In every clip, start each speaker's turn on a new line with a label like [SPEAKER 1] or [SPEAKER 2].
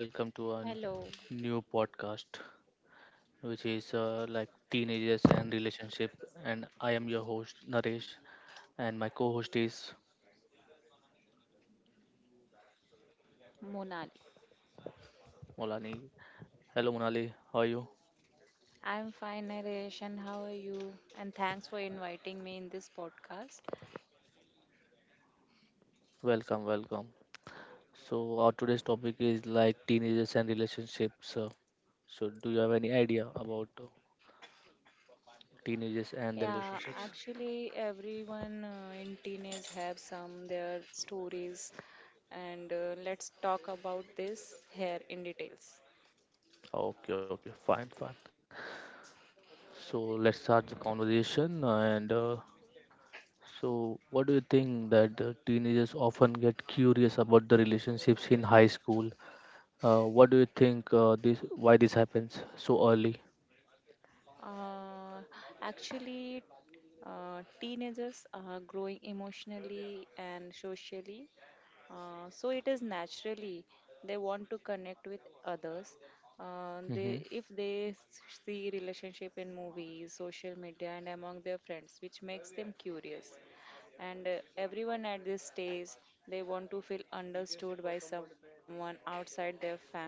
[SPEAKER 1] Welcome to a
[SPEAKER 2] Hello,
[SPEAKER 1] new podcast, which is like teenagers and relationship. And I am your host, Naresh, and my co host is
[SPEAKER 2] Monali.
[SPEAKER 1] Molani. Hello, Monali. How are you?
[SPEAKER 2] I'm fine, Naresh, and how are you? And thanks for inviting me in this podcast.
[SPEAKER 1] Welcome, welcome. So, our today's topic is like teenagers and relationships. So, do you have any idea about teenagers and the
[SPEAKER 2] Yeah,
[SPEAKER 1] relationships?
[SPEAKER 2] actually, everyone in teenage have some their stories, and let's talk about this here in details.
[SPEAKER 1] Okay, okay, fine, fine. So, let's start the conversation and so, what do you think that teenagers often get curious about the relationships in high school? What do you think this why this happens so early?
[SPEAKER 2] Uh, actually, Teenagers are growing emotionally and socially. So it is naturally they want to connect with others. They
[SPEAKER 1] Mm-hmm.
[SPEAKER 2] if they s- see relationship in movies, social media, and among their friends, which makes them curious. And everyone at this stage, they want to feel understood by someone outside their family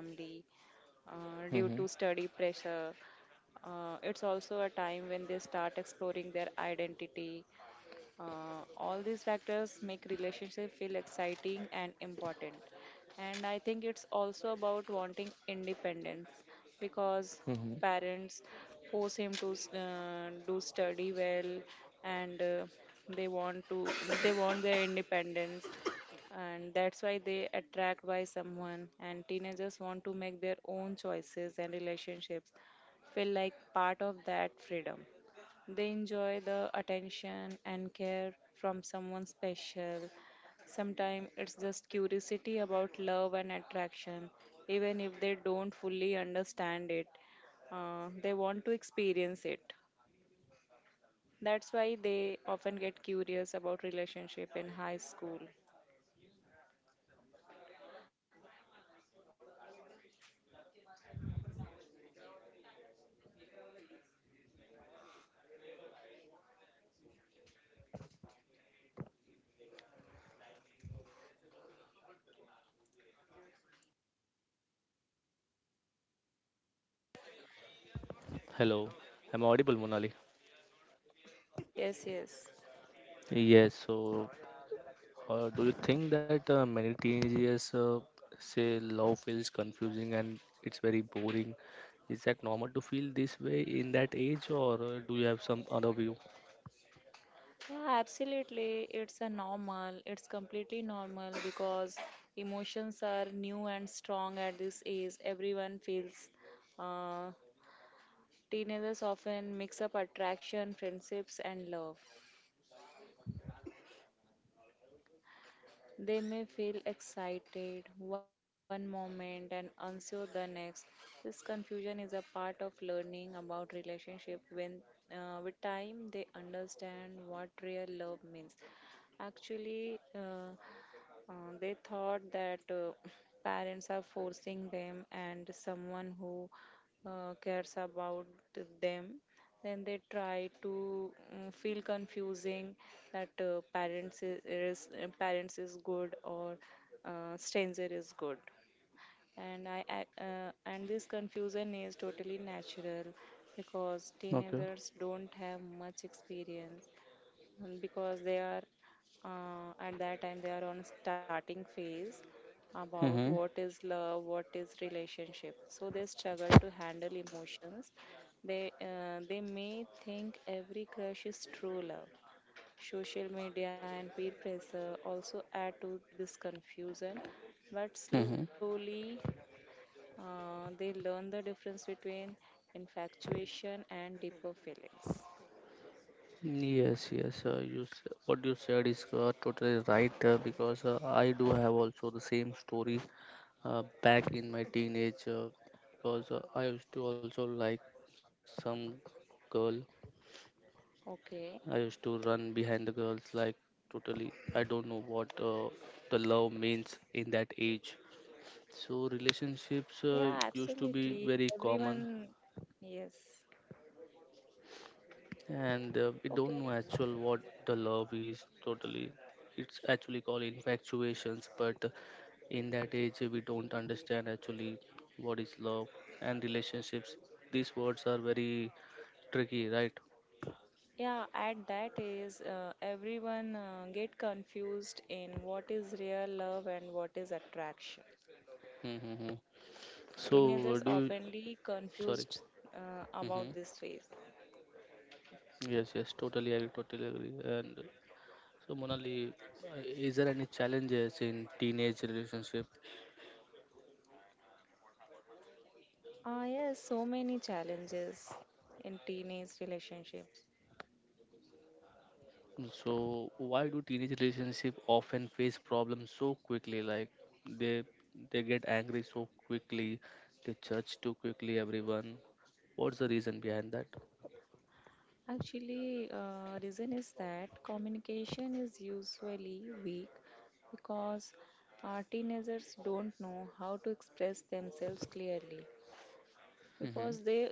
[SPEAKER 2] due to
[SPEAKER 1] Mm-hmm.
[SPEAKER 2] study pressure. It's also a time when they start exploring their identity. All these factors make relationship feel exciting and important. And I think it's also about wanting independence because
[SPEAKER 1] Mm-hmm.
[SPEAKER 2] parents force him to do study well, and they want to they want their independence, and that's why they attract by someone, and teenagers want to make their own choices and relationships feel like part of that freedom. They enjoy the attention and care from someone special. Sometimes it's just curiosity about love and attraction, even if they don't fully understand it. They want to experience it. That's why they often get curious about relationship in high school.
[SPEAKER 1] Hello, I am audible, Monali?
[SPEAKER 2] Yes, yes.
[SPEAKER 1] Yes. So, do you think that many teenagers say love feels confusing and it's very boring? Is that normal to feel this way in that age, or do you have some other view?
[SPEAKER 2] Yeah, absolutely. It's a normal. It's completely normal because emotions are new and strong at this age. Everyone feels. Uh, Teenagers often mix up attraction, friendships, and love. They may feel excited one moment and unsure the next. This confusion is a part of learning about relationship. When With time, they understand what real love means. Actually They thought that parents are forcing them, and someone who cares about them, then they try to feel confusing that parents is good or stranger is good, and this confusion is totally natural because
[SPEAKER 1] Okay.
[SPEAKER 2] teenagers don't have much experience, because they are, at that time, they are on starting phase about
[SPEAKER 1] Mm-hmm.
[SPEAKER 2] what is love, what is relationship, so they struggle to handle emotions. They may think every crush is true love. Social media and peer pressure also add to this confusion, but
[SPEAKER 1] Mm-hmm.
[SPEAKER 2] slowly they learn the difference between infatuation and deeper feelings.
[SPEAKER 1] Yes, yes, what you said is totally right because I do have also the same story back in my teenage, because I used to also like some girl. I
[SPEAKER 2] Okay.
[SPEAKER 1] used to run behind the girls like totally. I don't know what the love means in that age. So
[SPEAKER 2] Yeah,
[SPEAKER 1] relationships used to
[SPEAKER 2] absolutely.
[SPEAKER 1] be very common,
[SPEAKER 2] Everyone, yes.
[SPEAKER 1] and we don't
[SPEAKER 2] Okay.
[SPEAKER 1] know actual what the love is totally. It's actually called infatuations, but in that age we don't understand actually what is love and relationships. These words are very tricky, right?
[SPEAKER 2] Yeah, at that is everyone get confused in what is real love and what is attraction.
[SPEAKER 1] Mm-hmm. So
[SPEAKER 2] Teenagers oftenly confused
[SPEAKER 1] sorry.
[SPEAKER 2] about this
[SPEAKER 1] Mm-hmm.
[SPEAKER 2] phase.
[SPEAKER 1] Yes, yes, totally agree, totally agree. And so, Monali, uh, is there any challenges in teenage relationship?
[SPEAKER 2] Ah, yes, so many challenges in teenage relationships.
[SPEAKER 1] So why do teenage relationship often face problems so quickly? Like they they get angry so quickly, they judge too quickly everyone. What's the reason behind that?
[SPEAKER 2] Actually, reason is that communication is usually weak because teenagers don't know how to express themselves clearly,
[SPEAKER 1] Mm-hmm.
[SPEAKER 2] because they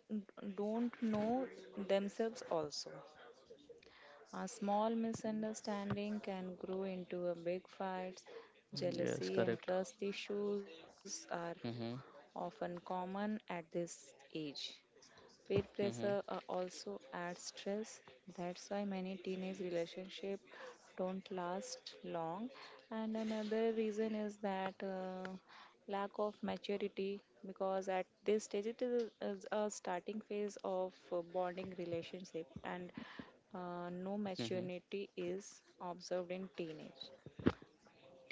[SPEAKER 2] don't know themselves also. A small misunderstanding can grow into a big fight.
[SPEAKER 1] Mm, yes,
[SPEAKER 2] Jealousy and
[SPEAKER 1] correct.
[SPEAKER 2] trust issues are
[SPEAKER 1] Mm-hmm.
[SPEAKER 2] often common at this age. Peer pressure
[SPEAKER 1] Mm-hmm.
[SPEAKER 2] also adds stress. That's why many teenage relationships don't last long. And another reason is that lack of maturity, because at this stage it is a starting phase of bonding relationship, and no
[SPEAKER 1] Mm-hmm.
[SPEAKER 2] maturity is observed in teenage.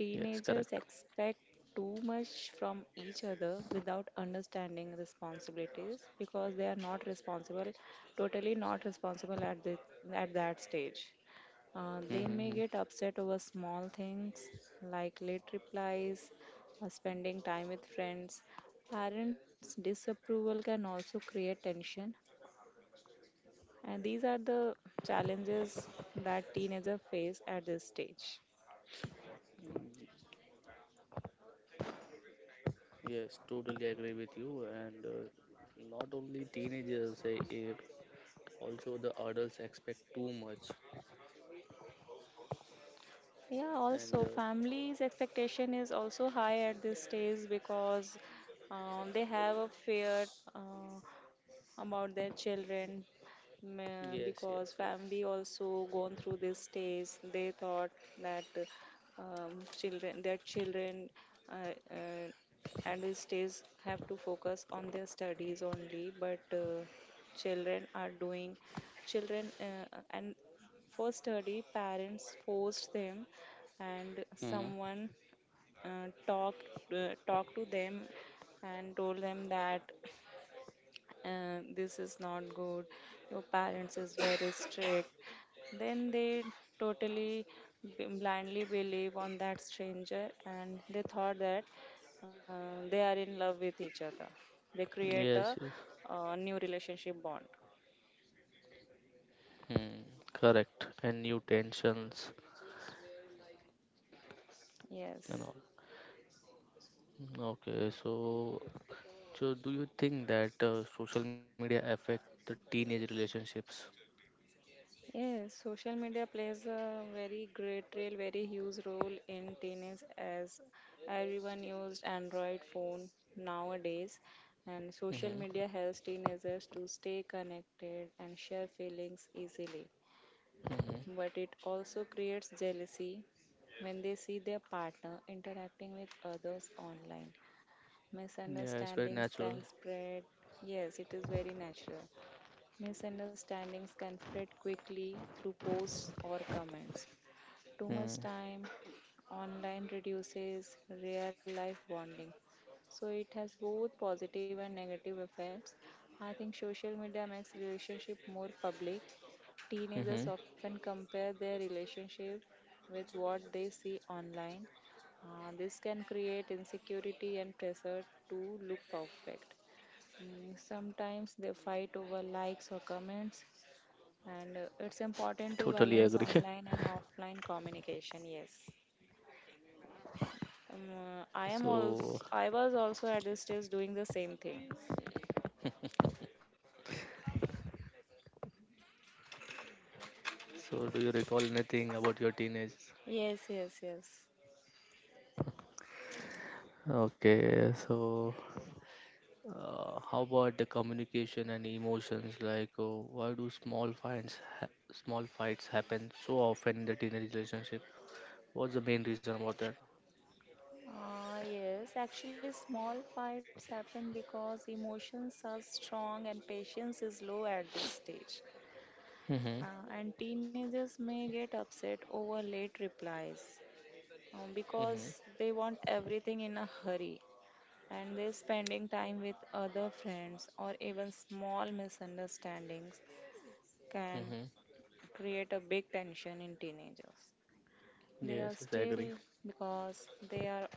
[SPEAKER 1] Yes, correct.
[SPEAKER 2] expect too much from each other without understanding responsibilities, because they are not responsible, totally not responsible at that stage. They may
[SPEAKER 1] Mm-hmm.
[SPEAKER 2] get upset over small things like late replies or spending time with friends. Parents' disapproval can also create tension, and these are the challenges that teenagers face at this stage.
[SPEAKER 1] Mm, yes, totally agree with you. And not only teenagers, also the adults expect too much.
[SPEAKER 2] Yeah, also
[SPEAKER 1] And
[SPEAKER 2] families' expectation is also high at this stage because they have a fear. Uh, about their children,
[SPEAKER 1] yes,
[SPEAKER 2] because
[SPEAKER 1] yes,
[SPEAKER 2] family also gone through this stage. They thought that children their children uh, uh, at this stage have to focus on their studies only, but children are doing, children and for study parents forced them, and
[SPEAKER 1] yes.
[SPEAKER 2] someone uh, talk talk to them and told them that, and this is not good, your parents is very strict, then they totally blindly believe on that stranger, and they thought that they are in love with each other. They create a
[SPEAKER 1] Yes, yes.
[SPEAKER 2] new relationship bond.
[SPEAKER 1] Hmm. Correct. And new tensions and
[SPEAKER 2] Yes.
[SPEAKER 1] all. Okay, so so do you think that social media affect the teenage relationships?
[SPEAKER 2] Yes, social media plays a very great role, very huge role in teenage, as everyone used Android phone nowadays. And social
[SPEAKER 1] Mm-hmm.
[SPEAKER 2] media helps teenagers to stay connected and share feelings easily.
[SPEAKER 1] Mm-hmm.
[SPEAKER 2] But it also creates jealousy when they see their partner interacting with others online.
[SPEAKER 1] Yeah, it's very
[SPEAKER 2] Misunderstandings
[SPEAKER 1] natural.
[SPEAKER 2] can spread. Yes, it is very natural. Misunderstandings can spread quickly through posts or comments. Too much
[SPEAKER 1] Mm.
[SPEAKER 2] time online reduces real life bonding. So it has both positive and negative effects. I think social media makes relationship more public. Teenagers
[SPEAKER 1] Mm-hmm.
[SPEAKER 2] often compare their relationship with what they see online. This can create insecurity and pressure to look perfect. Sometimes they fight over likes or comments. And it's important to
[SPEAKER 1] Totally
[SPEAKER 2] balance
[SPEAKER 1] agree.
[SPEAKER 2] online and offline communication, yes. Um, uh, I am also
[SPEAKER 1] So
[SPEAKER 2] I was also at this stage doing the same thing.
[SPEAKER 1] so do you recall anything about your teenage?
[SPEAKER 2] Yes, yes, yes.
[SPEAKER 1] Okay, so how about the communication and emotions? Like, oh, why do small fights happen so often in the teenage relationship? What's the main reason about that?
[SPEAKER 2] Ah, yes, actually, small fights happen because emotions are strong and patience is low at this stage.
[SPEAKER 1] Mm-hmm.
[SPEAKER 2] And teenagers may get upset over late replies,
[SPEAKER 1] Mm-hmm.
[SPEAKER 2] because they want everything in a hurry, and they're spending time with other friends, or even small misunderstandings can
[SPEAKER 1] Mm-hmm.
[SPEAKER 2] create a big tension in teenagers. They are
[SPEAKER 1] Yes, yes, I agree.
[SPEAKER 2] still Because they are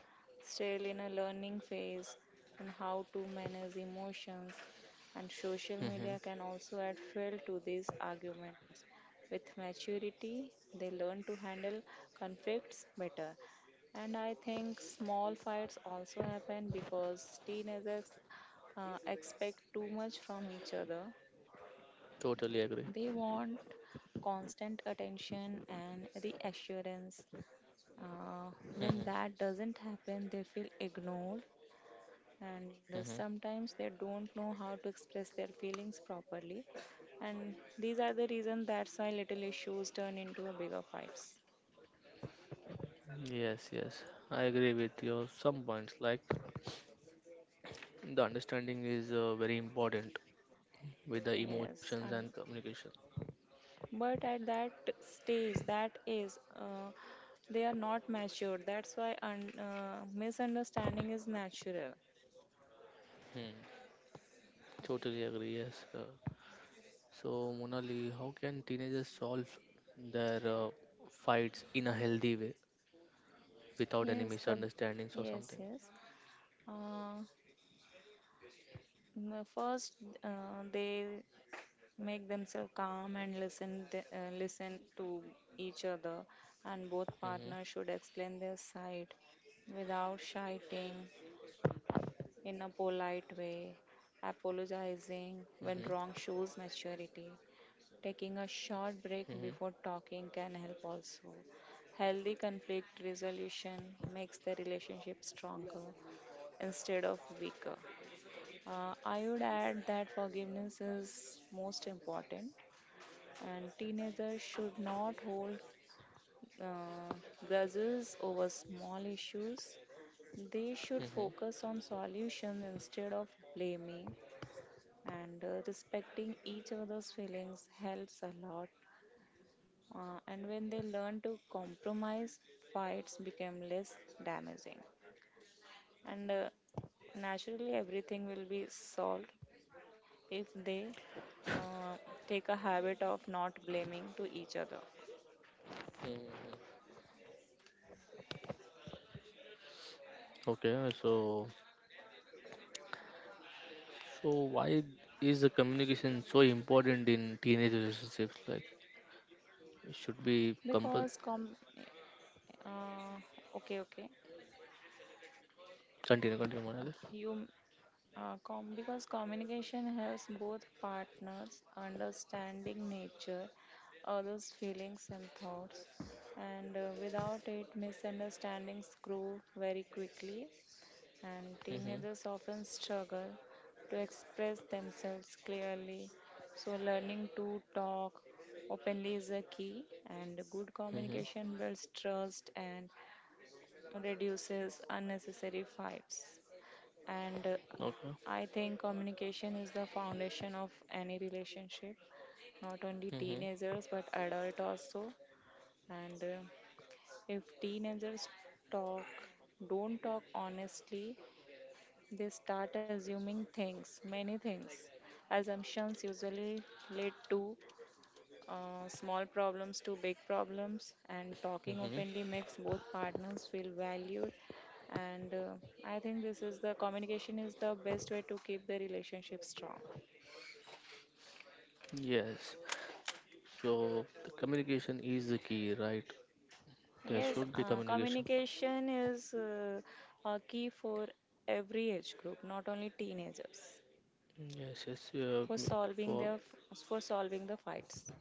[SPEAKER 2] still in a learning phase, and how to manage emotions, and social
[SPEAKER 1] Mm-hmm.
[SPEAKER 2] media can also add fuel to these arguments. With maturity, they learn to handle conflicts better. And I think small fights also happen because teenagers expect too much from each other.
[SPEAKER 1] Totally agree.
[SPEAKER 2] They want constant attention and reassurance.
[SPEAKER 1] Mm-hmm.
[SPEAKER 2] When that doesn't happen, they feel ignored, and
[SPEAKER 1] Mm-hmm.
[SPEAKER 2] sometimes they don't know how to express their feelings properly. And these are the reasons that's why little issues turn into a bigger fights.
[SPEAKER 1] Yes, yes, I agree with your some points. Like, the understanding is very important with the emotions
[SPEAKER 2] Yes,
[SPEAKER 1] and
[SPEAKER 2] and
[SPEAKER 1] communication.
[SPEAKER 2] but at that stage, that is, they are not matured. That's why un misunderstanding is natural.
[SPEAKER 1] Hmm. Totally agree. Yes, so, Monali, how can teenagers solve their fights in a healthy way without any
[SPEAKER 2] Yes, the
[SPEAKER 1] misunderstandings or something?
[SPEAKER 2] yes, yes. Uh, m- First, they make themselves calm and listen to each other, and both
[SPEAKER 1] Hmm.
[SPEAKER 2] partners should explain their side without shouting, in a polite way. Apologizing when
[SPEAKER 1] Hmm.
[SPEAKER 2] wrong shows maturity. Taking a short
[SPEAKER 1] Hmm.
[SPEAKER 2] break before talking can help also. Healthy conflict resolution makes the relationship stronger instead of weaker. I would add that forgiveness is most important, and teenagers should not hold uh, grudges over small issues. They should
[SPEAKER 1] Hmm.
[SPEAKER 2] focus on solutions instead of blaming, and respecting each other's feelings helps a lot. And when they learn to compromise, fights become less damaging, and naturally everything will be solved if they uh, take a habit of not blaming to each other.
[SPEAKER 1] Hmm. Okay, so so why is the communication so important in teenage relationships? Like, it should be
[SPEAKER 2] because
[SPEAKER 1] compul.
[SPEAKER 2] com- Uh, okay, okay.
[SPEAKER 1] Continue, continue, Monali.
[SPEAKER 2] You com Because communication helps both partners understanding nature, others' feelings and thoughts, and without it, misunderstandings grow very quickly, and
[SPEAKER 1] Hmm.
[SPEAKER 2] teenagers often struggle to express themselves clearly. So, learning to talk openly is a key, and good
[SPEAKER 1] Hmm.
[SPEAKER 2] communication builds trust and reduces unnecessary fights. And
[SPEAKER 1] Okay.
[SPEAKER 2] I think communication is the foundation of any relationship, not only
[SPEAKER 1] Hmm.
[SPEAKER 2] teenagers but adult also. And if teenagers talk, don't talk honestly, they start assuming things, many things. Assumptions usually lead to small problems to big problems, and talking
[SPEAKER 1] Hmm.
[SPEAKER 2] openly makes both partners feel valued. And I think this is the communication is the best way to keep the relationship strong.
[SPEAKER 1] Yes. So the communication is the key, right? There
[SPEAKER 2] Yes,
[SPEAKER 1] should be communication.
[SPEAKER 2] communication is a key for every age group, not only teenagers,
[SPEAKER 1] Yes, yes,
[SPEAKER 2] for
[SPEAKER 1] m-
[SPEAKER 2] solving
[SPEAKER 1] for
[SPEAKER 2] the for solving the fights.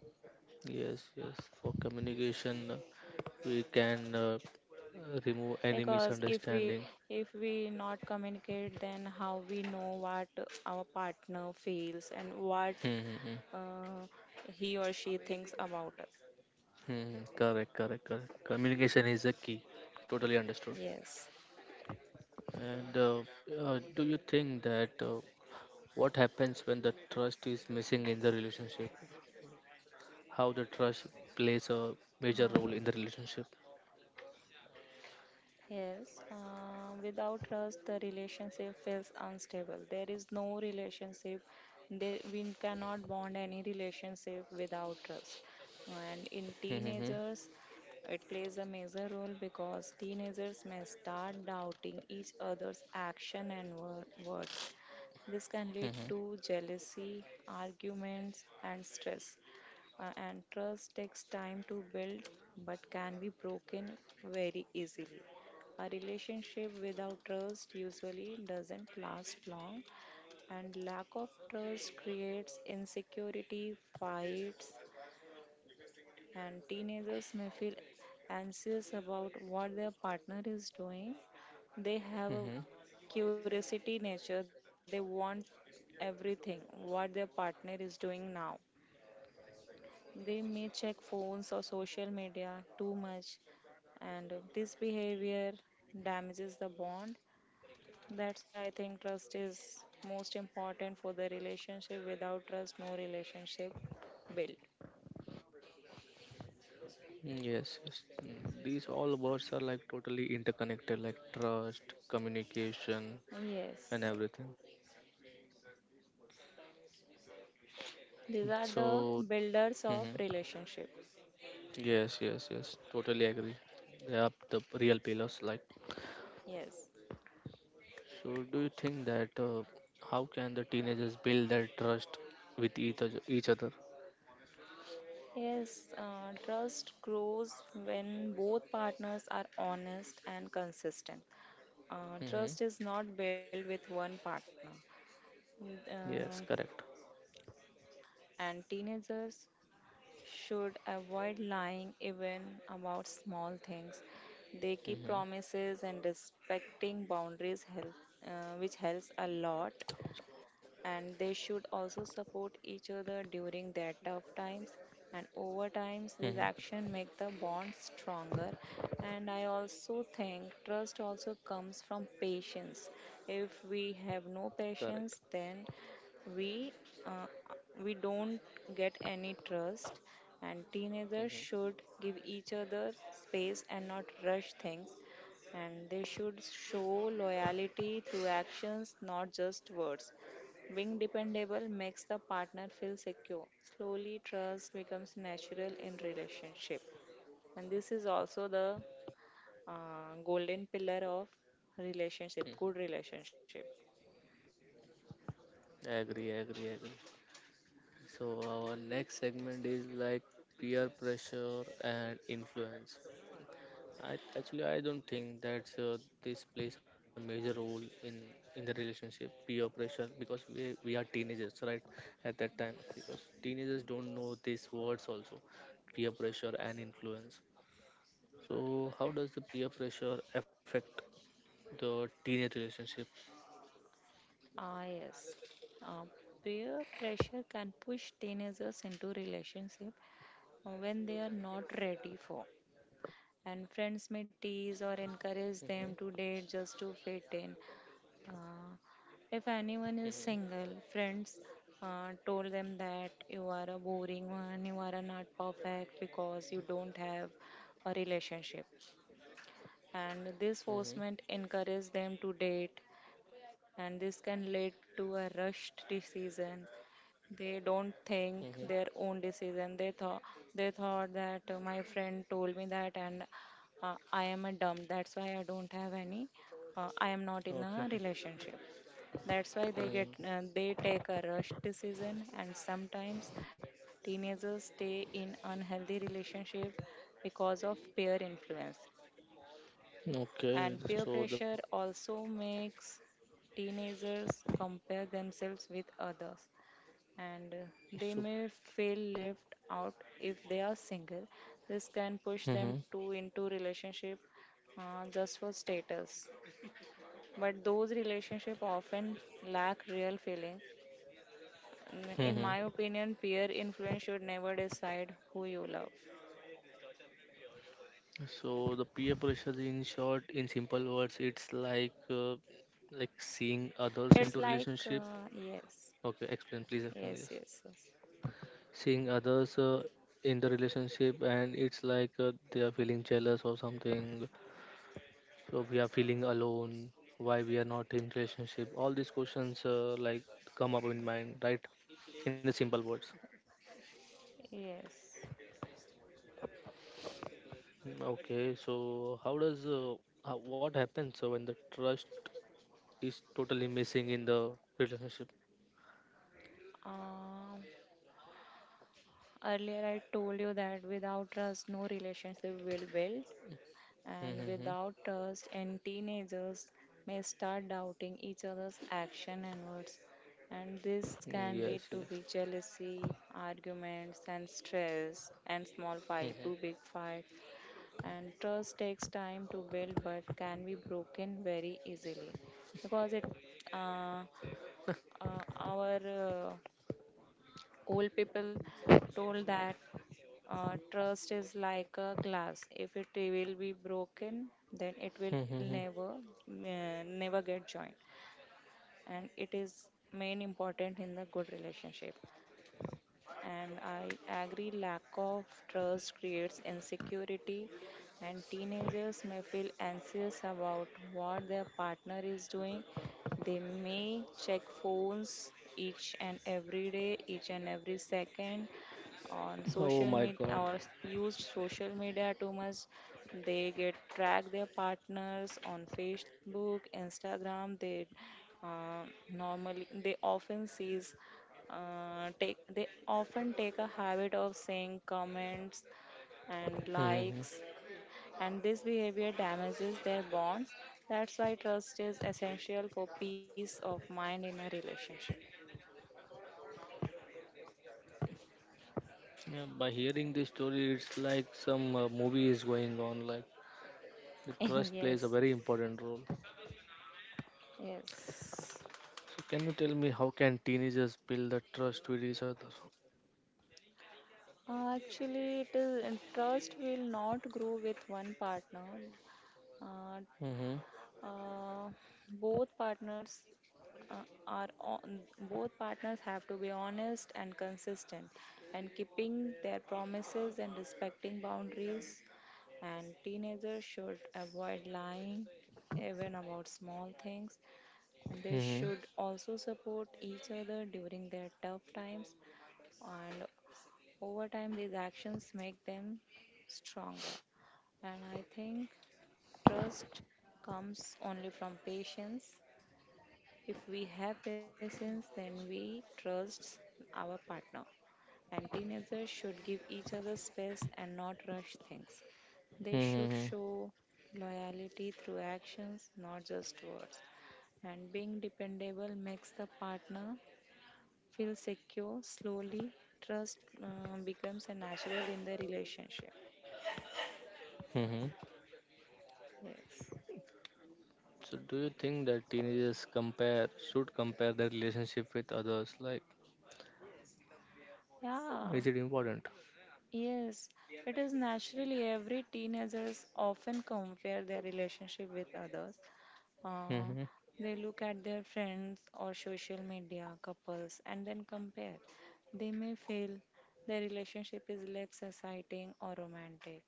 [SPEAKER 1] yes, yes, for communication, we can remove any
[SPEAKER 2] Because
[SPEAKER 1] misunderstanding.
[SPEAKER 2] if we not communicate, then how we know what our partner feels and what
[SPEAKER 1] Mm-hmm. Hmm, hmm,
[SPEAKER 2] uh, he or she thinks about us.
[SPEAKER 1] hmm, hmm. Correct, correct, correct. Communication is a key. Totally understood.
[SPEAKER 2] Yes.
[SPEAKER 1] And do you think that what happens when the trust is missing in the relationship? How the trust plays
[SPEAKER 2] Uh,
[SPEAKER 1] a major role in the relationship?
[SPEAKER 2] Yes, without trust, the relationship feels unstable. There is no relationship. There, we cannot bond any relationship without trust. And in
[SPEAKER 1] Mm-hmm.
[SPEAKER 2] teenagers, it plays a major role because teenagers may start doubting each other's action and words. This can lead
[SPEAKER 1] Mm-hmm.
[SPEAKER 2] to jealousy, arguments, and stress. And trust takes time to build but can be broken very easily. A relationship without trust usually doesn't last long, and lack of trust creates insecurity, fights, and teenagers may feel anxious about what their partner is doing. They have a
[SPEAKER 1] Mm-hmm.
[SPEAKER 2] curiosity nature, they want everything what their partner is doing now. They may check phones or social media too much, and this behavior damages the bond. That's why I think trust is most important for the relationship. Without trust, no relationship build.
[SPEAKER 1] Mm, yes, yes. Mm, these all words are like totally interconnected, like trust, communication, and
[SPEAKER 2] Yes,
[SPEAKER 1] everything.
[SPEAKER 2] these
[SPEAKER 1] Mm,
[SPEAKER 2] are the
[SPEAKER 1] so,
[SPEAKER 2] builders of
[SPEAKER 1] hmm,
[SPEAKER 2] relationship.
[SPEAKER 1] yes, yes, yes. Totally agree. They are the real pillars. Like,
[SPEAKER 2] Yes.
[SPEAKER 1] so do you think that how can the teenagers build that trust with each other? Each other?
[SPEAKER 2] Yes, trust grows when both partners are honest and consistent.
[SPEAKER 1] Hmm.
[SPEAKER 2] Trust is not built with one partner. Mm, Uh,
[SPEAKER 1] Yes, correct.
[SPEAKER 2] and teenagers should avoid lying even about small things. They keep
[SPEAKER 1] Hmm.
[SPEAKER 2] promises and respecting boundaries help, which helps a lot, and they should also support each other during their tough times, and over
[SPEAKER 1] Hmm.
[SPEAKER 2] times these action make the bond stronger. And I also think trust also comes from patience. If we have no
[SPEAKER 1] Correct.
[SPEAKER 2] patience, then we uh, we don't get any trust. And teenagers
[SPEAKER 1] Hmm.
[SPEAKER 2] should give each other space and not rush things. And they should show loyalty through actions, not just words. Being dependable makes the partner feel secure. Slowly, trust becomes natural in relationship, and this is also the golden pillar of relationship, good
[SPEAKER 1] Hmm.
[SPEAKER 2] relationship.
[SPEAKER 1] Agree, agree, agree. So, our next segment is like peer pressure and influence. I don't think that this plays a major role in the relationship peer pressure, because we are teenagers, right? At that time, because teenagers don't know these words also, peer pressure and influence. So, how does the peer pressure affect the teenage relationship?
[SPEAKER 2] Ah, yes. Uh, Peer pressure can push teenagers into relationship when they are not ready for. And friends may
[SPEAKER 1] Hmm.
[SPEAKER 2] tease or encourage them to date just to fit in. Uh, if
[SPEAKER 1] Hmm.
[SPEAKER 2] anyone is single, friends told them that you are a boring one, you are a not perfect because you don't have a relationship. And
[SPEAKER 1] Hmm.
[SPEAKER 2] this forcement encourages them to date, and this can lead to a rushed decision. They don't think
[SPEAKER 1] Hmm.
[SPEAKER 2] their own decision. They thought that my friend told me that, and I am a dumb. That's why I don't have any. I am not in
[SPEAKER 1] Okay.
[SPEAKER 2] a relationship. That's why they
[SPEAKER 1] Mm.
[SPEAKER 2] get they take a rush decision, and sometimes teenagers stay in unhealthy relationship because of peer influence.
[SPEAKER 1] Okay,
[SPEAKER 2] And peer
[SPEAKER 1] so the
[SPEAKER 2] pressure also makes teenagers compare themselves with others, and they
[SPEAKER 1] So,
[SPEAKER 2] may feel left out if they are single. This can push them
[SPEAKER 1] mm-hmm.
[SPEAKER 2] to into relationship just for status. But those relationships often lack real feelings.
[SPEAKER 1] Mm-hmm.
[SPEAKER 2] In my opinion, peer influence should never decide who you love.
[SPEAKER 1] So the peer pressure, in short, in simple words, it's like seeing
[SPEAKER 2] It's
[SPEAKER 1] others
[SPEAKER 2] like
[SPEAKER 1] into relationship.
[SPEAKER 2] yes,
[SPEAKER 1] Okay, explain,
[SPEAKER 2] yes,
[SPEAKER 1] please explain
[SPEAKER 2] yes,
[SPEAKER 1] this.
[SPEAKER 2] yes.
[SPEAKER 1] Seeing others in the relationship, and it's like they are feeling jealous or something. So we are feeling alone. Why we are not in relationship? All these questions like come up in mind, right? In the simple words.
[SPEAKER 2] Yes.
[SPEAKER 1] Mm, okay, so how does what happens when the trust is totally missing in the relationship.
[SPEAKER 2] Um, Earlier I told you that without trust, no relationship will build. And
[SPEAKER 1] Mm-hmm.
[SPEAKER 2] without trust and teenagers may start doubting each other's action and words, and this can lead
[SPEAKER 1] Yes,
[SPEAKER 2] to
[SPEAKER 1] yes.
[SPEAKER 2] be jealousy, arguments, and stress, and small fight to big fight. And trust takes time to build but can be broken very easily, because it uh, our old people told that trust is like a glass. If it will be broken, then it will
[SPEAKER 1] Mm-hmm. Mm-hmm.
[SPEAKER 2] never get joined. And it is main important in the good relationship. And I agree, lack of trust creates insecurity, and teenagers may feel anxious about what their partner is doing. They may check phones each and every day, each and every second on
[SPEAKER 1] Oh my
[SPEAKER 2] social
[SPEAKER 1] God.
[SPEAKER 2] media or use social media too much. They get track their partners on Facebook, Instagram. They, uh, normally, they often take a habit of saying comments and
[SPEAKER 1] Mm-hmm.
[SPEAKER 2] likes, and this behavior damages their bonds. That's why trust is essential for peace of mind in a relationship.
[SPEAKER 1] Yeah, by hearing this story, it's like some movie is going on. Like the trust plays a
[SPEAKER 2] Yes,
[SPEAKER 1] very important role.
[SPEAKER 2] yes.
[SPEAKER 1] So, can you tell me how can teenagers build the trust with each other?
[SPEAKER 2] Actually, it is, and trust will not grow with one partner. Uh,
[SPEAKER 1] Mm-hmm.
[SPEAKER 2] uh, both partners are on both partners have to be honest and consistent, and keeping their promises and respecting boundaries. And teenagers should avoid lying even about small things, and they
[SPEAKER 1] Mm-hmm.
[SPEAKER 2] should also support each other during their tough times. And over time these actions make them stronger. And I think trust comes only from patience. If we have patience, then we trust our partner. And teenagers should give each other space and not rush things. They should
[SPEAKER 1] Mm-hmm.
[SPEAKER 2] show loyalty through actions, not just words. And being dependable makes the partner feel secure. Slowly, trust becomes a natural in the relationship.
[SPEAKER 1] Mm-hmm.
[SPEAKER 2] Yes.
[SPEAKER 1] So, do you think that teenagers compare should compare their relationship with others? Like,
[SPEAKER 2] Yeah,
[SPEAKER 1] is it important?
[SPEAKER 2] yes. It is naturally every teenagers often compare their relationship with others. Uh, they look at their friends or social media couples and then compare. They may feel their relationship is less exciting or romantic,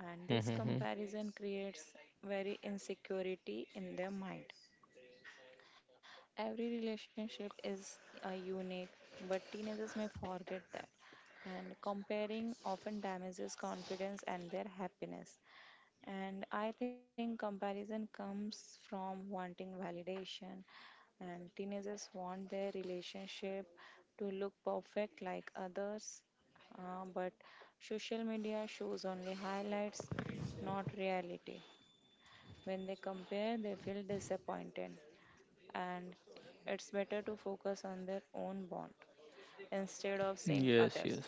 [SPEAKER 2] and this
[SPEAKER 1] Mm-hmm.
[SPEAKER 2] comparison creates very insecurity in their mind. Every relationship is unique, but teenagers may forget that, and comparing often damages confidence and their happiness. And I think comparison comes from wanting validation, and teenagers want their relationship to look perfect like others. But social media shows only highlights, not reality. When they compare, they feel disappointed, and it's better to focus on their own bond instead of seeing
[SPEAKER 1] Yes,
[SPEAKER 2] others.
[SPEAKER 1] yes,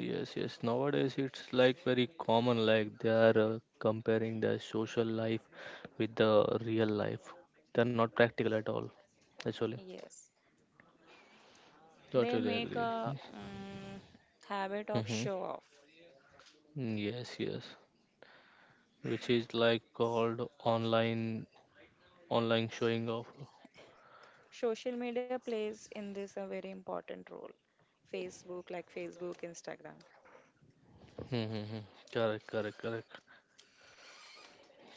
[SPEAKER 1] yes, yes. Nowadays, it's like very common, like they are comparing their social life with the real life. They're not practical at all, actually.
[SPEAKER 2] Yes, they
[SPEAKER 1] Totally
[SPEAKER 2] make
[SPEAKER 1] agree.
[SPEAKER 2] a habit of
[SPEAKER 1] Mm-hmm.
[SPEAKER 2] show off.
[SPEAKER 1] Yes, yes. Which is like called online showing off.
[SPEAKER 2] Social media plays in this a very important role. Facebook, like Facebook, Instagram.
[SPEAKER 1] Mm-hmm. Correct, correct, correct.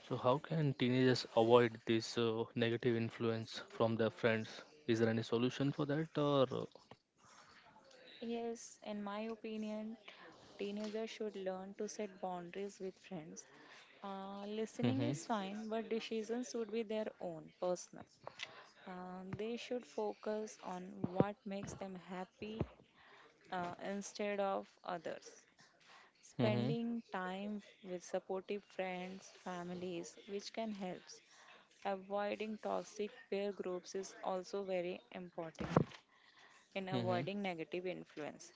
[SPEAKER 1] So, how can teenagers avoid this negative influence from their friends? Is there any solution for that, or?
[SPEAKER 2] Yes, in my opinion, teenagers should learn to set boundaries with friends. Listening
[SPEAKER 1] Mm-hmm.
[SPEAKER 2] is fine, but decisions should be their own, personal. They should focus on what makes them happy instead of others.
[SPEAKER 1] Mm-hmm.
[SPEAKER 2] Spending time with supportive friends, families, which can help. Avoiding toxic peer groups is also very important in
[SPEAKER 1] Mm-hmm.
[SPEAKER 2] avoiding negative influence.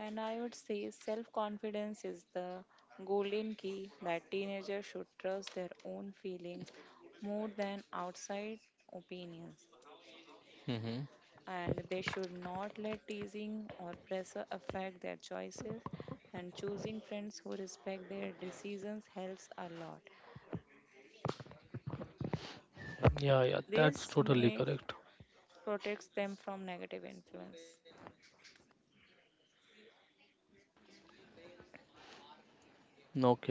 [SPEAKER 2] And I would say self confidence is the golden key that teenagers should trust their own feelings more than outside opinions.
[SPEAKER 1] Mm-hmm.
[SPEAKER 2] And they should not let teasing or pressure affect their choices. And choosing friends who respect their decisions helps a lot.
[SPEAKER 1] Yeah, yeah, that's
[SPEAKER 2] This
[SPEAKER 1] totally
[SPEAKER 2] may
[SPEAKER 1] correct.
[SPEAKER 2] protect them from negative influence.
[SPEAKER 1] Okay.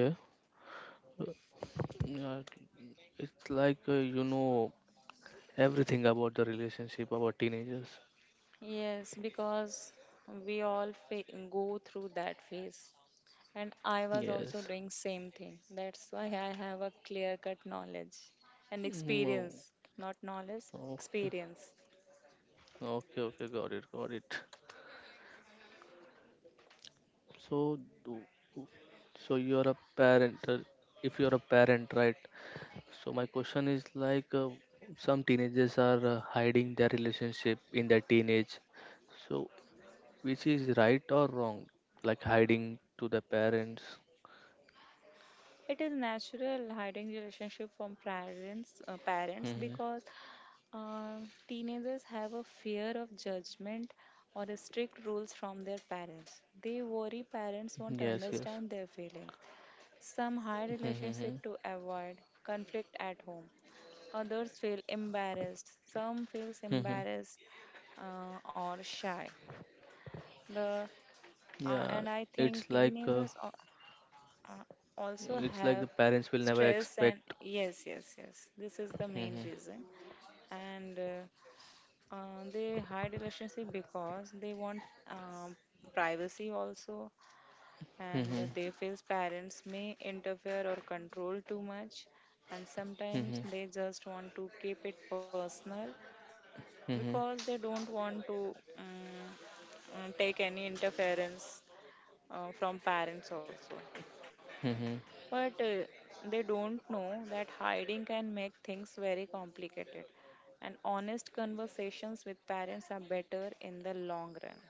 [SPEAKER 1] Yeah, it's like you know everything about the relationship about teenagers.
[SPEAKER 2] Yes, because we all go through that phase. And I was also
[SPEAKER 1] Yes.
[SPEAKER 2] doing same thing. That's why I have a clear cut knowledge and
[SPEAKER 1] No.
[SPEAKER 2] experience, not knowledge,
[SPEAKER 1] Okay.
[SPEAKER 2] experience.
[SPEAKER 1] Okay. Okay. Got it. Got it. So, do- so you're a parent. If you're a parent, right? So my question is like some teenagers are hiding their relationship in their teenage. So which is right or wrong? Like hiding to the parents.
[SPEAKER 2] It is natural hiding relationship from parents
[SPEAKER 1] Hmm.
[SPEAKER 2] because uh, teenagers have a fear of judgment or strict rules from their parents. They worry parents won't
[SPEAKER 1] Yes, yes.
[SPEAKER 2] understand their feelings. Some hide
[SPEAKER 1] Mm-hmm.
[SPEAKER 2] relationship to avoid conflict at home. Others feel embarrassed. Some feels
[SPEAKER 1] Mm-hmm.
[SPEAKER 2] embarrassed, or shy. The
[SPEAKER 1] Yeah,
[SPEAKER 2] And I think
[SPEAKER 1] it's like uh,
[SPEAKER 2] teenagers uh, also
[SPEAKER 1] it's like
[SPEAKER 2] have
[SPEAKER 1] the parents will never
[SPEAKER 2] stress, and
[SPEAKER 1] expect.
[SPEAKER 2] yes, yes, yes. This is the main
[SPEAKER 1] Mm-hmm.
[SPEAKER 2] reason, and they hide relationship because they want um, privacy also, and
[SPEAKER 1] Mm-hmm.
[SPEAKER 2] they feel parents may interfere or control too much, and sometimes
[SPEAKER 1] Mm-hmm.
[SPEAKER 2] they just want to keep it personal, because
[SPEAKER 1] Mm-hmm.
[SPEAKER 2] they don't want to um, take any interference from parents also.
[SPEAKER 1] Mm-hmm.
[SPEAKER 2] But they don't know that hiding can make things very complicated, and honest conversations with parents are better in the long run,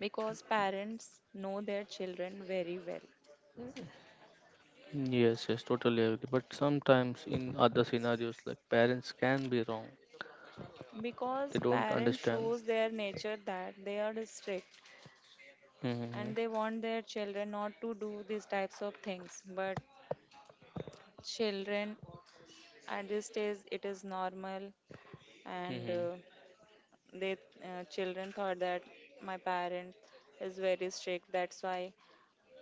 [SPEAKER 2] because parents know their children very well.
[SPEAKER 1] Yes, yes, totally agree. But sometimes in other scenarios, like parents can be wrong. They
[SPEAKER 2] Because
[SPEAKER 1] don't
[SPEAKER 2] parents
[SPEAKER 1] understand.
[SPEAKER 2] shows their nature that they are strict,
[SPEAKER 1] Mm-hmm.
[SPEAKER 2] and they want their children not to do these types of things, but children at this stage it is normal. And
[SPEAKER 1] Mm-hmm.
[SPEAKER 2] they children thought that my parent is very strict. That's why,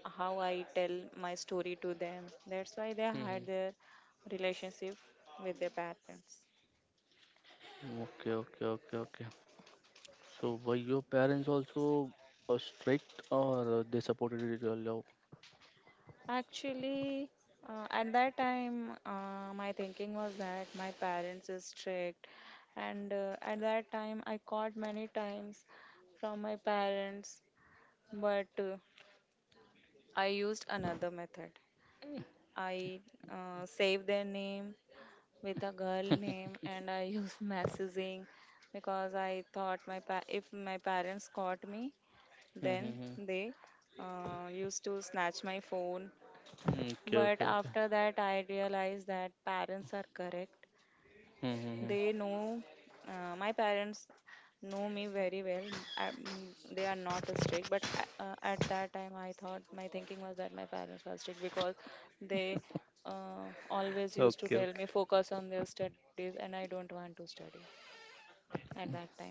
[SPEAKER 2] how I tell my story to them, that's why they
[SPEAKER 1] Mm-hmm.
[SPEAKER 2] had their relationship with their parents.
[SPEAKER 1] Okay, okay, okay, okay. So were your parents also strict, or they supported it your love?
[SPEAKER 2] Actually, at that time, my thinking was that my parents is strict, and at that time, I caught many times from my parents, but I used another method. I saved their name with a girl name, and I used messaging, because I thought if my parents caught me, then
[SPEAKER 1] Mm-hmm.
[SPEAKER 2] they used to snatch my phone.
[SPEAKER 1] Okay,
[SPEAKER 2] But
[SPEAKER 1] okay, okay.
[SPEAKER 2] after that, I realized that parents are correct.
[SPEAKER 1] Mm-hmm.
[SPEAKER 2] They know, my parents know me very well. They are not strict, but at that time, I thought my thinking was that my parents were strict, because they always used to
[SPEAKER 1] Okay, okay.
[SPEAKER 2] tell me focus on their studies, and I don't want to study at that time.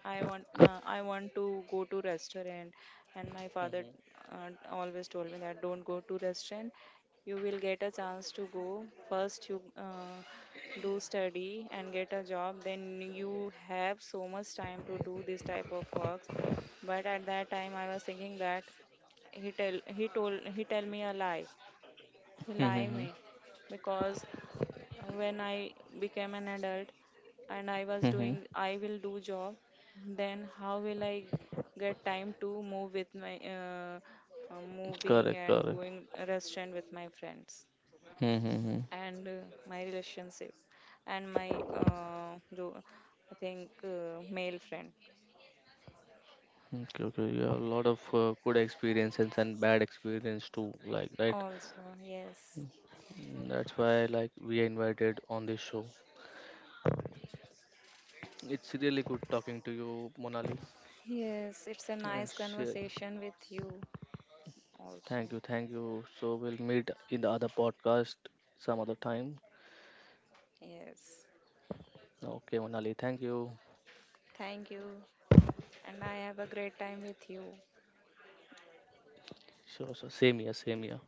[SPEAKER 2] I want to go to restaurant, and my father
[SPEAKER 1] Mm-hmm.
[SPEAKER 2] always told me that don't go to restaurant. You will get a chance to go. First you do study and get a job, then you have so much time to do this type of works. But at that time I was thinking that he tell me a lie, he lie
[SPEAKER 1] Mm-hmm.
[SPEAKER 2] me. Because when I became an adult, and I was
[SPEAKER 1] Mm-hmm.
[SPEAKER 2] doing I will do job, then how will I get time to move with my moving
[SPEAKER 1] Correct,
[SPEAKER 2] and
[SPEAKER 1] correct.
[SPEAKER 2] going restaurant with my friends,
[SPEAKER 1] Mm-hmm.
[SPEAKER 2] and my relationship, and my I think male friend
[SPEAKER 1] Okay, okay. You have a lot of good experiences and bad experience too, like right.
[SPEAKER 2] also. Yes,
[SPEAKER 1] Mm, that's why like we are invited on this show. It's really good talking to you, Monali,
[SPEAKER 2] yes, it's a nice
[SPEAKER 1] and share.
[SPEAKER 2] conversation with you
[SPEAKER 1] Thank
[SPEAKER 2] also.
[SPEAKER 1] you, thank you. So we'll meet in the other podcast some other time.
[SPEAKER 2] Yes,
[SPEAKER 1] Okay, Monali, thank you.
[SPEAKER 2] thank you, and I have a great time with you.
[SPEAKER 1] Sure, so same here, same here.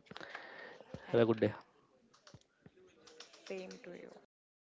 [SPEAKER 1] Have a
[SPEAKER 2] Thank
[SPEAKER 1] good
[SPEAKER 2] you.
[SPEAKER 1] day.
[SPEAKER 2] Same to you.